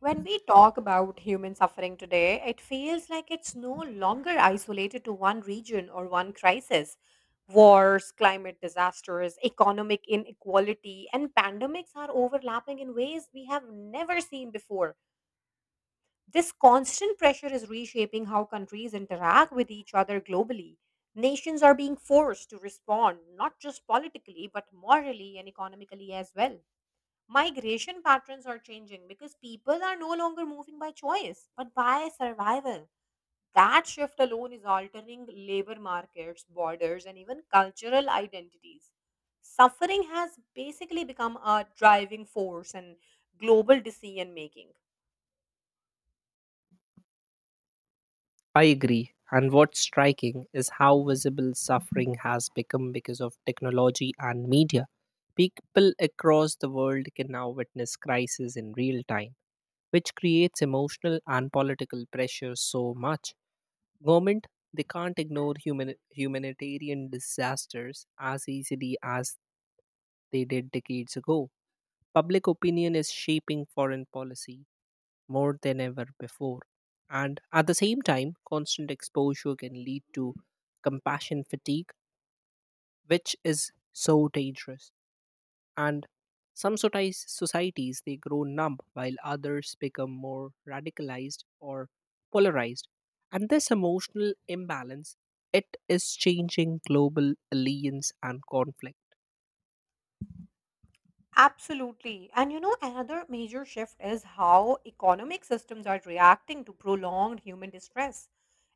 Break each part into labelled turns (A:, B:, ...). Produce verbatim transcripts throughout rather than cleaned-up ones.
A: When we talk about human suffering today, it feels like it's no longer isolated to one region or one crisis. Wars, climate disasters, economic inequality, and pandemics are overlapping in ways we have never seen before. This constant pressure is reshaping how countries interact with each other globally. Nations are being forced to respond, not just politically, but morally and economically as well. Migration patterns are changing because people are no longer moving by choice, but by survival. That shift alone is altering labor markets, borders, and even cultural identities. Suffering has basically become a driving force in global decision making.
B: I agree. And what's striking is how visible suffering has become because of technology and media. People across the world can now witness crises in real time, which creates emotional and political pressure so much. Government, they can't ignore human, humanitarian disasters as easily as they did decades ago. Public opinion is shaping foreign policy, more than ever before. And at the same time, constant exposure can lead to compassion fatigue, which is so dangerous. And some soci- societies they grow numb while others become more radicalized or polarized. And this emotional imbalance it is changing global alliance and conflict.
A: Absolutely. And you know, another major shift is how economic systems are reacting to prolonged human distress.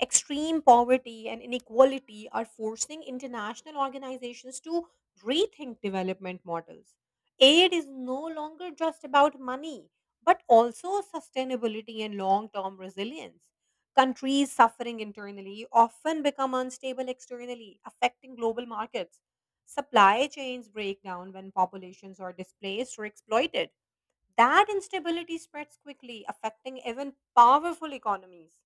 A: Extreme poverty and inequality are forcing international organizations to rethink development models. Aid is no longer just about money, but also sustainability and long term resilience. Countries suffering internally often become unstable externally, affecting global markets. Supply chains break down when populations are displaced or exploited. That instability spreads quickly, affecting even powerful economies.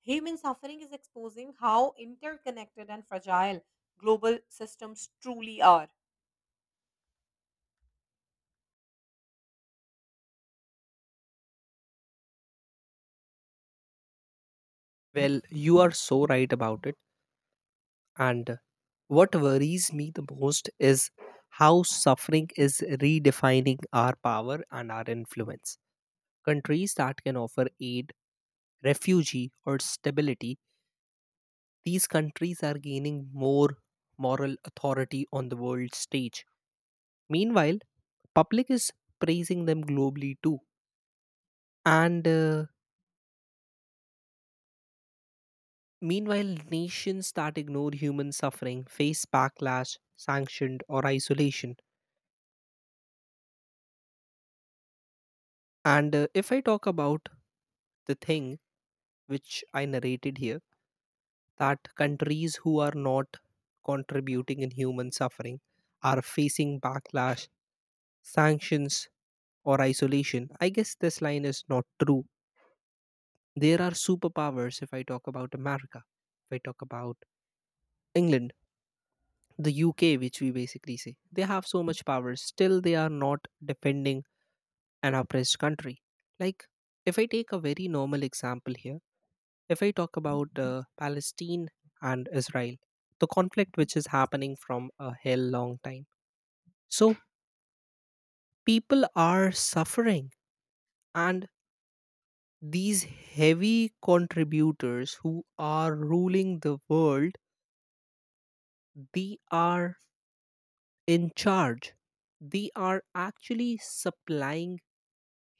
A: Human suffering is exposing how interconnected and fragile global systems truly are.
B: Well, you are so right about it. And what worries me the most is how suffering is redefining our power and our influence. Countries that can offer aid, refugee, or stability, these countries are gaining more moral authority on the world stage. Meanwhile, public is praising them globally too. And uh, Meanwhile, nations that ignore human suffering face backlash, sanctioned, or isolation. And uh, if I talk about the thing which I narrated here, that countries who are not contributing in human suffering are facing backlash, sanctions, or isolation. I guess this line is not true. There are superpowers if I talk about America, if I talk about England, the U K, which we basically say. They have so much power, still, they are not defending an oppressed country. Like, if I take a very normal example here, if I talk about uh, Palestine and Israel, the conflict which is happening from a hell long time. So people are suffering, and these heavy contributors who are ruling the world, they are in charge. They are actually supplying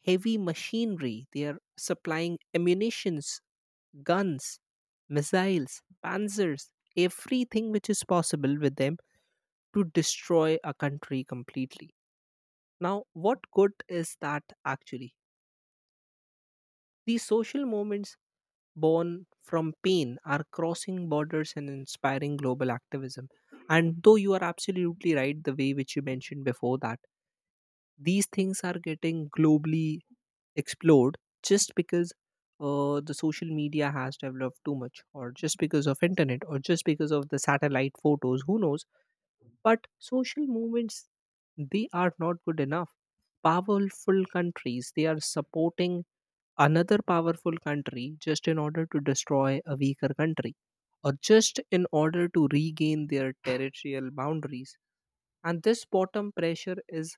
B: heavy machinery. They are supplying ammunitions, guns, missiles, panzers, everything which is possible with them to destroy a country completely. Now, what good is that actually? These social movements born from pain are crossing borders and inspiring global activism. And though you are absolutely right, the way which you mentioned before that, these things are getting globally explored just because uh, the social media has developed too much or just because of internet or just because of the satellite photos who knows. But social movements, they are not good enough. Powerful countries, they are supporting another powerful country just in order to destroy a weaker country or just in order to regain their territorial boundaries. And this bottom pressure is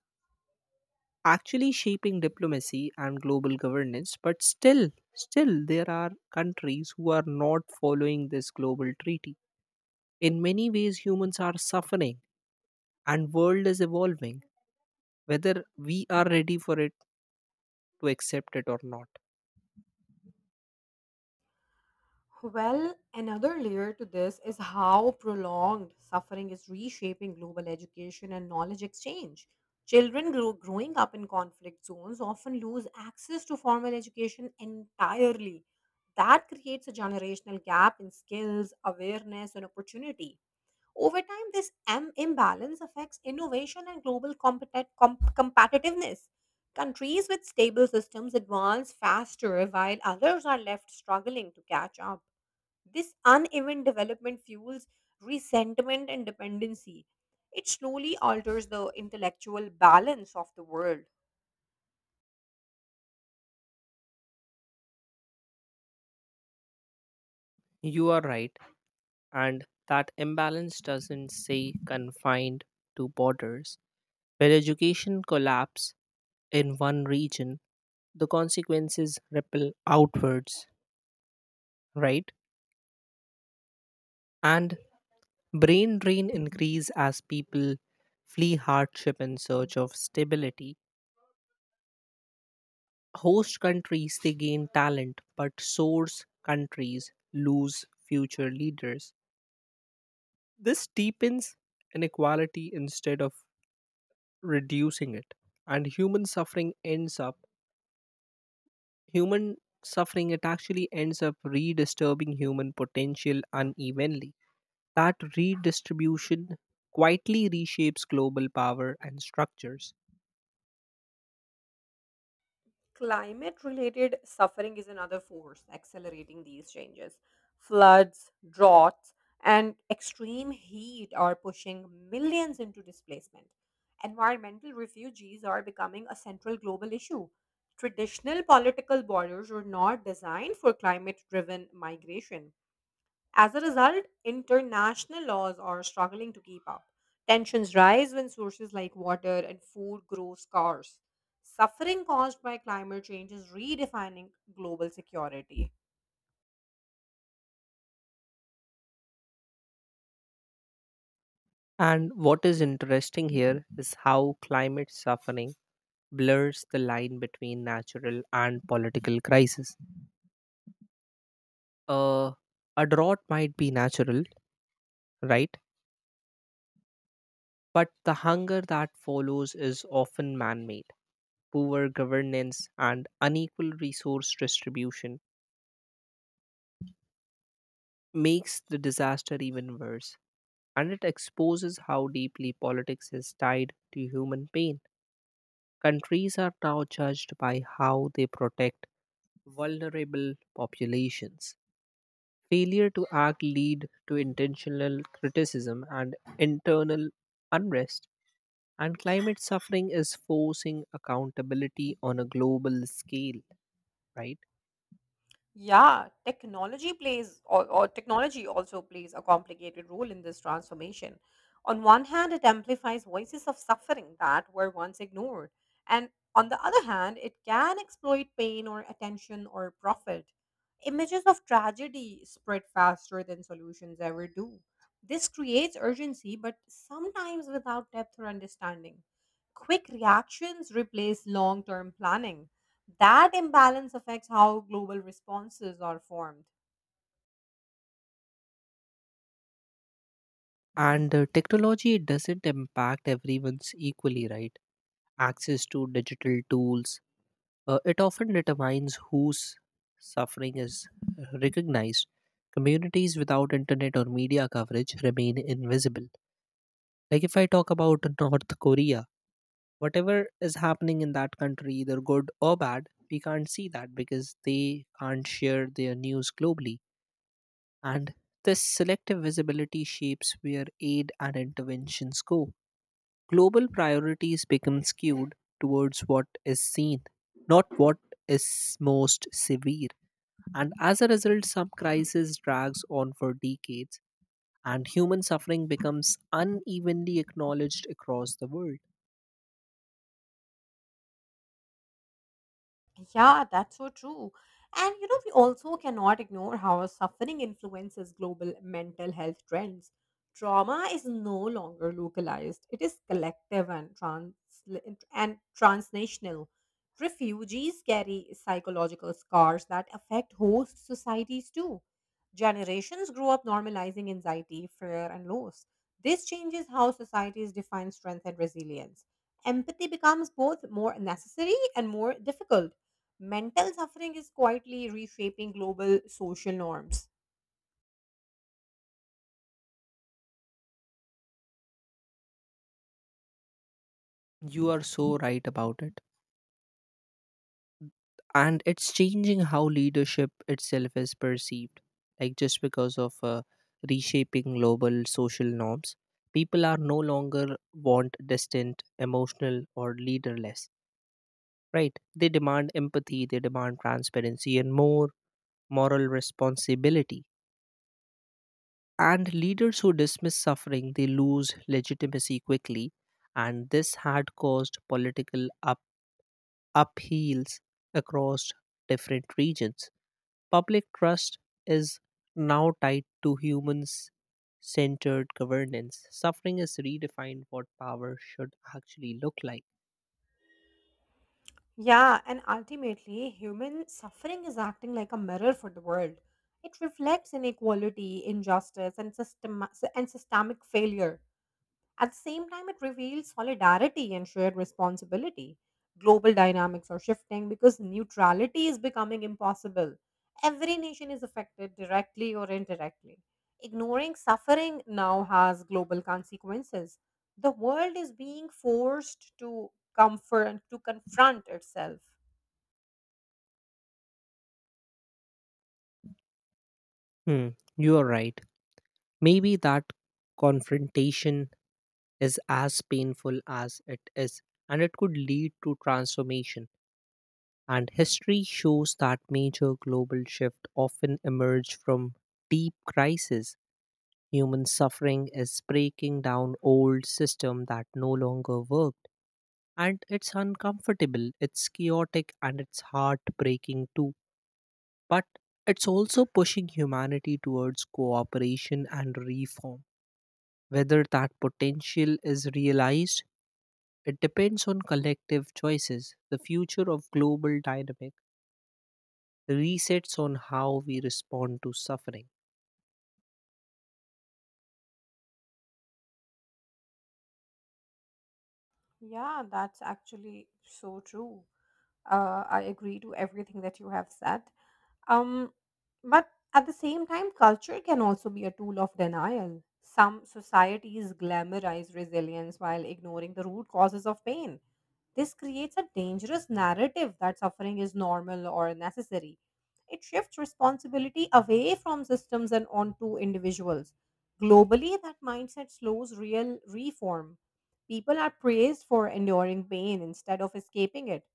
B: actually shaping diplomacy and global governance, but still, still, there are countries who are not following this global treaty. In many ways, humans are suffering and world is evolving whether we are ready for it to accept it or not.
A: Well, another layer to this is how prolonged suffering is reshaping global education and knowledge exchange. Children grow, growing up in conflict zones often lose access to formal education entirely. That creates a generational gap in skills, awareness, and opportunity. Over time, this M imbalance affects innovation and global compet- com- competitiveness. Countries with stable systems advance faster while others are left struggling to catch up. This uneven development fuels resentment and dependency. It slowly alters the intellectual balance of the world.
B: You are right, and that imbalance doesn't say confined to borders. When education collapse in one region, the consequences ripple outwards, right? And brain drain increase as people flee hardship in search of stability. Host countries they gain talent, but source countries lose future leaders. This deepens inequality instead of reducing it. And human suffering ends up, human suffering, it actually ends up redistributing human potential unevenly. That redistribution quietly reshapes global power and structures.
A: Climate related suffering is another force accelerating these changes. Floods, droughts, and extreme heat are pushing millions into displacement. Environmental refugees are becoming a central global issue. Traditional political borders were not designed for climate driven migration. As a result, international laws are struggling to keep up. Tensions rise when sources like water and food grow scarce. Suffering caused by climate change is redefining global security.
B: And what is interesting here is how climate suffering blurs the line between natural and political crisis. Uh, a drought might be natural, right? But the hunger that follows is often man made. Poor governance and unequal resource distribution makes the disaster even worse, and it exposes how deeply politics is tied to human pain. Countries are now judged by how they protect vulnerable populations. Failure to act lead to intentional criticism and internal unrest. And climate suffering is forcing accountability on a global scale, right?
A: Yeah, technology plays or, or technology also plays a complicated role in this transformation. On one hand, it amplifies voices of suffering that were once ignored, and on the other hand, it can exploit pain or attention or profit. Images of tragedy spread faster than solutions ever do. This creates urgency, but sometimes without depth or understanding. Quick reactions replace long term planning. That imbalance affects how global responses are formed.
B: And uh, Technology doesn't impact everyone's equally, right? Access to digital tools, uh, it often determines whose suffering is recognized. Communities without internet or media coverage remain invisible. Like if I talk about North Korea, whatever is happening in that country, either good or bad, we can't see that because they can't share their news globally. And this selective visibility shapes where aid and interventions go. Global priorities become skewed towards what is seen, not what is most severe. And as a result, some crisis drags on for decades, and human suffering becomes unevenly acknowledged across the world.
A: Yeah, that's so true. And you know, we also cannot ignore how suffering influences global mental health trends. Trauma is no longer localized, it is collective and, trans- and transnational. Refugees carry psychological scars that affect host societies too. Generations grow up normalizing anxiety, fear, and loss. This changes how societies define strength and resilience. Empathy becomes both more necessary and more difficult. Mental suffering is quietly reshaping global social norms.
B: You are so right about it. And it's changing how leadership itself is perceived, like just because of uh, reshaping global social norms, people are no longer want distant emotional or leaderless, right? They demand empathy, they demand transparency and more moral responsibility, and leaders who dismiss suffering they lose legitimacy quickly, and this had caused political up- upheavals across different regions. Public trust is now tied to humans centered governance. Suffering is redefined what power should actually look like.
A: Yeah, and ultimately, human suffering is acting like a mirror for the world. It reflects inequality, injustice, and, system- and systemic failure. At the same time, it reveals solidarity and shared responsibility. Global dynamics are shifting because neutrality is becoming impossible. Every nation is affected directly or indirectly. Ignoring suffering now has global consequences. The world is being forced to comfort to confront itself.
B: Hmm, you are right. Maybe that confrontation is as painful as it is, and it could lead to transformation. And history shows that major global shift often emerge from deep crisis. Human suffering is breaking down old system that no longer work. And it's uncomfortable, it's chaotic, and it's heartbreaking too. But it's also pushing humanity towards cooperation and reform. Whether that potential is realized, it depends on collective choices. The future of global dynamic resets on how we respond to suffering.
A: Yeah, that's actually so true. Uh, I agree to everything that you have said. Um, but at the same time, culture can also be a tool of denial. Some societies glamorize resilience while ignoring the root causes of pain. This creates a dangerous narrative that suffering is normal or necessary. It shifts responsibility away from systems and onto individuals. Globally, that mindset slows real reform. People are praised for enduring pain instead of escaping it.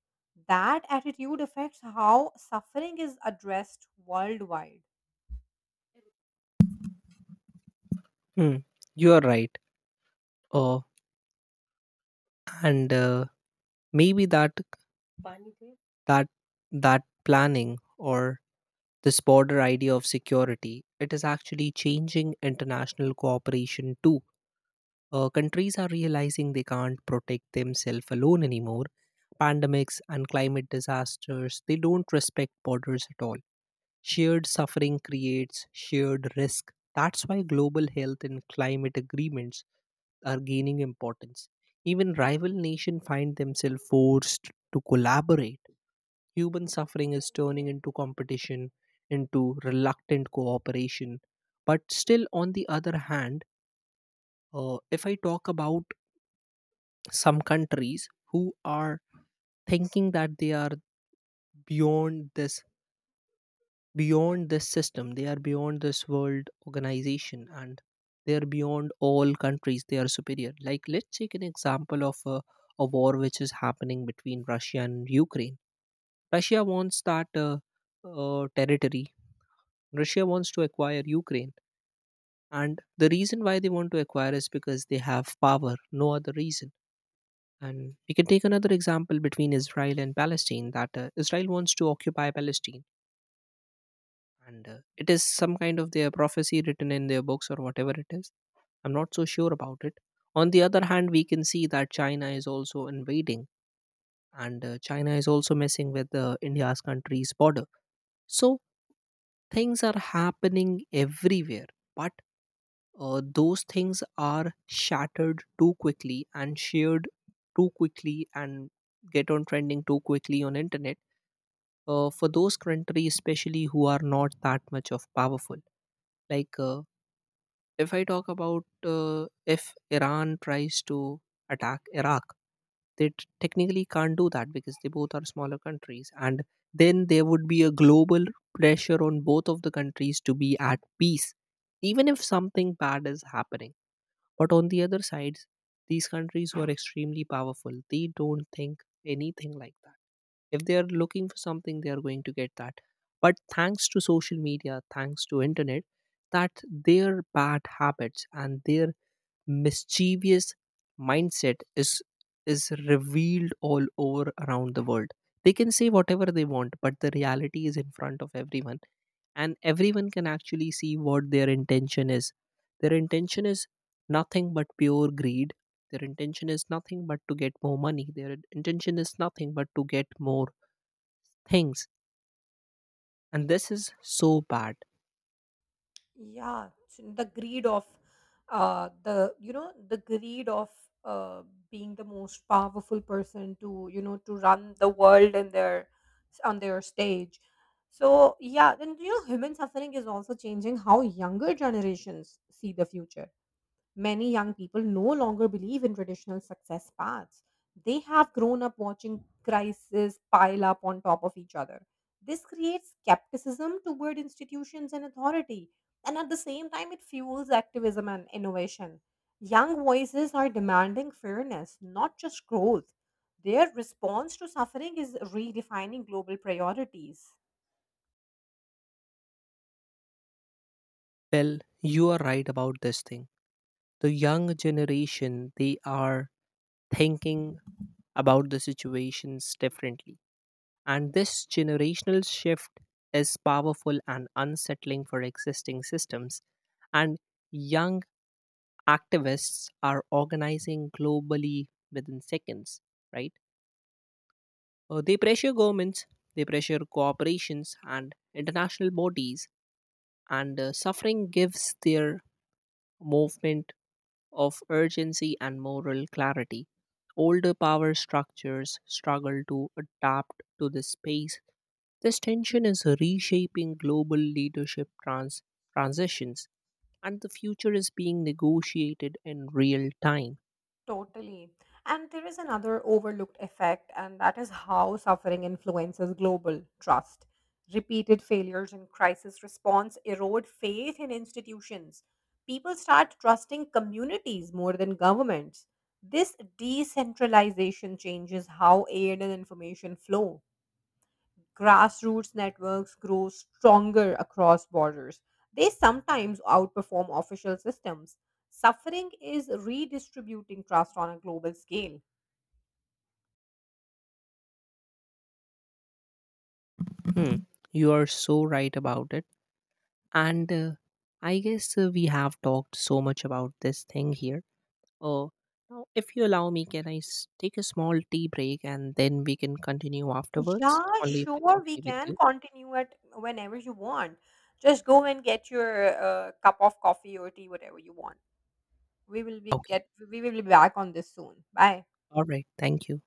A: That attitude affects how suffering is addressed worldwide.
B: Hmm, you are right. Uh, and uh, Maybe that that that planning or this border idea of security, it is actually changing international cooperation too. Uh, countries are realizing they can't protect themselves alone anymore. Pandemics and climate disasters, they don't respect borders at all. Shared suffering creates shared risk. That's why global health and climate agreements are gaining importance. Even rival nations find themselves forced to collaborate. Human suffering is turning into competition, into reluctant cooperation. But still, on the other hand, uh, if I talk about some countries who are thinking that they are beyond this beyond this system, they are beyond this world organization, and they are beyond all countries, they are superior, like let's take an example of a, a war which is happening between Russia and Ukraine. Russia wants that uh, uh, territory. Russia wants to acquire Ukraine. And the reason why they want to acquire is because they have power, no other reason. And we can take another example between Israel and Palestine, that uh, Israel wants to occupy Palestine. And uh, it is some kind of their prophecy written in their books or whatever it is. I'm not so sure about it. On the other hand, we can see that China is also invading, and uh, China is also messing with uh, India's country's border. So things are happening everywhere. But Uh, those things are shattered too quickly and shared too quickly and get on trending too quickly on internet, uh, for those countries especially who are not that much of powerful, like uh, if I talk about uh, if Iran tries to attack Iraq, they t- technically can't do that because they both are smaller countries, and then there would be a global pressure on both of the countries to be at peace even if something bad is happening. But on the other sides, these countries who are extremely powerful, they don't think anything like that. If they are looking for something, they are going to get that. But thanks to social media, thanks to internet, that their bad habits and their mischievous mindset is is revealed all over around the world. They can say whatever they want, but the reality is in front of everyone and everyone can actually see what their intention is. Their intention is nothing but pure greed. Their intention is nothing but to get more money. Their intention is nothing but to get more things, and this is so bad.
A: Yeah, so the greed of uh the you know the greed of uh being the most powerful person to you know to run the world in their on their stage. So yeah, and you know human suffering is also changing how younger generations see the future. Many young people no longer believe in traditional success paths. They have grown up watching crises pile up on top of each other. This creates skepticism toward institutions and authority, and at the same time, it fuels activism and innovation. Young voices are demanding fairness, not just growth. Their response to suffering is redefining global priorities.
B: Well, you are right about this thing. The young generation, they are thinking about the situations differently, and this generational shift is powerful and unsettling for existing systems. And young activists are organizing globally within seconds, right? Uh, they pressure governments, they pressure corporations and international bodies, and uh, suffering gives their movement of urgency and moral clarity. Older power structures struggle to adapt to this space. This tension is reshaping global leadership trans- transitions, and the future is being negotiated in real time.
A: Totally. And there is another overlooked effect, and that is how suffering influences global trust. Repeated failures in crisis response erode faith in institutions. People start trusting communities more than governments. This decentralization changes how aid and information flow. Grassroots networks grow stronger across borders. They sometimes outperform official systems. Suffering is redistributing trust on a global scale.
B: Hmm. You are so right about it. And uh, I guess uh, we have talked so much about this thing here. Uh, Now, if you allow me, can I s- take a small tea break and then we can continue afterwards?
A: Yeah,
B: Only if it's
A: sure, we
B: okay with
A: can
B: you.
A: continue it whenever you want. Just go and get your uh, cup of coffee or tea, whatever you want. We will be
B: Okay.
A: get we will be back on this soon. Bye.
B: All right. Thank you.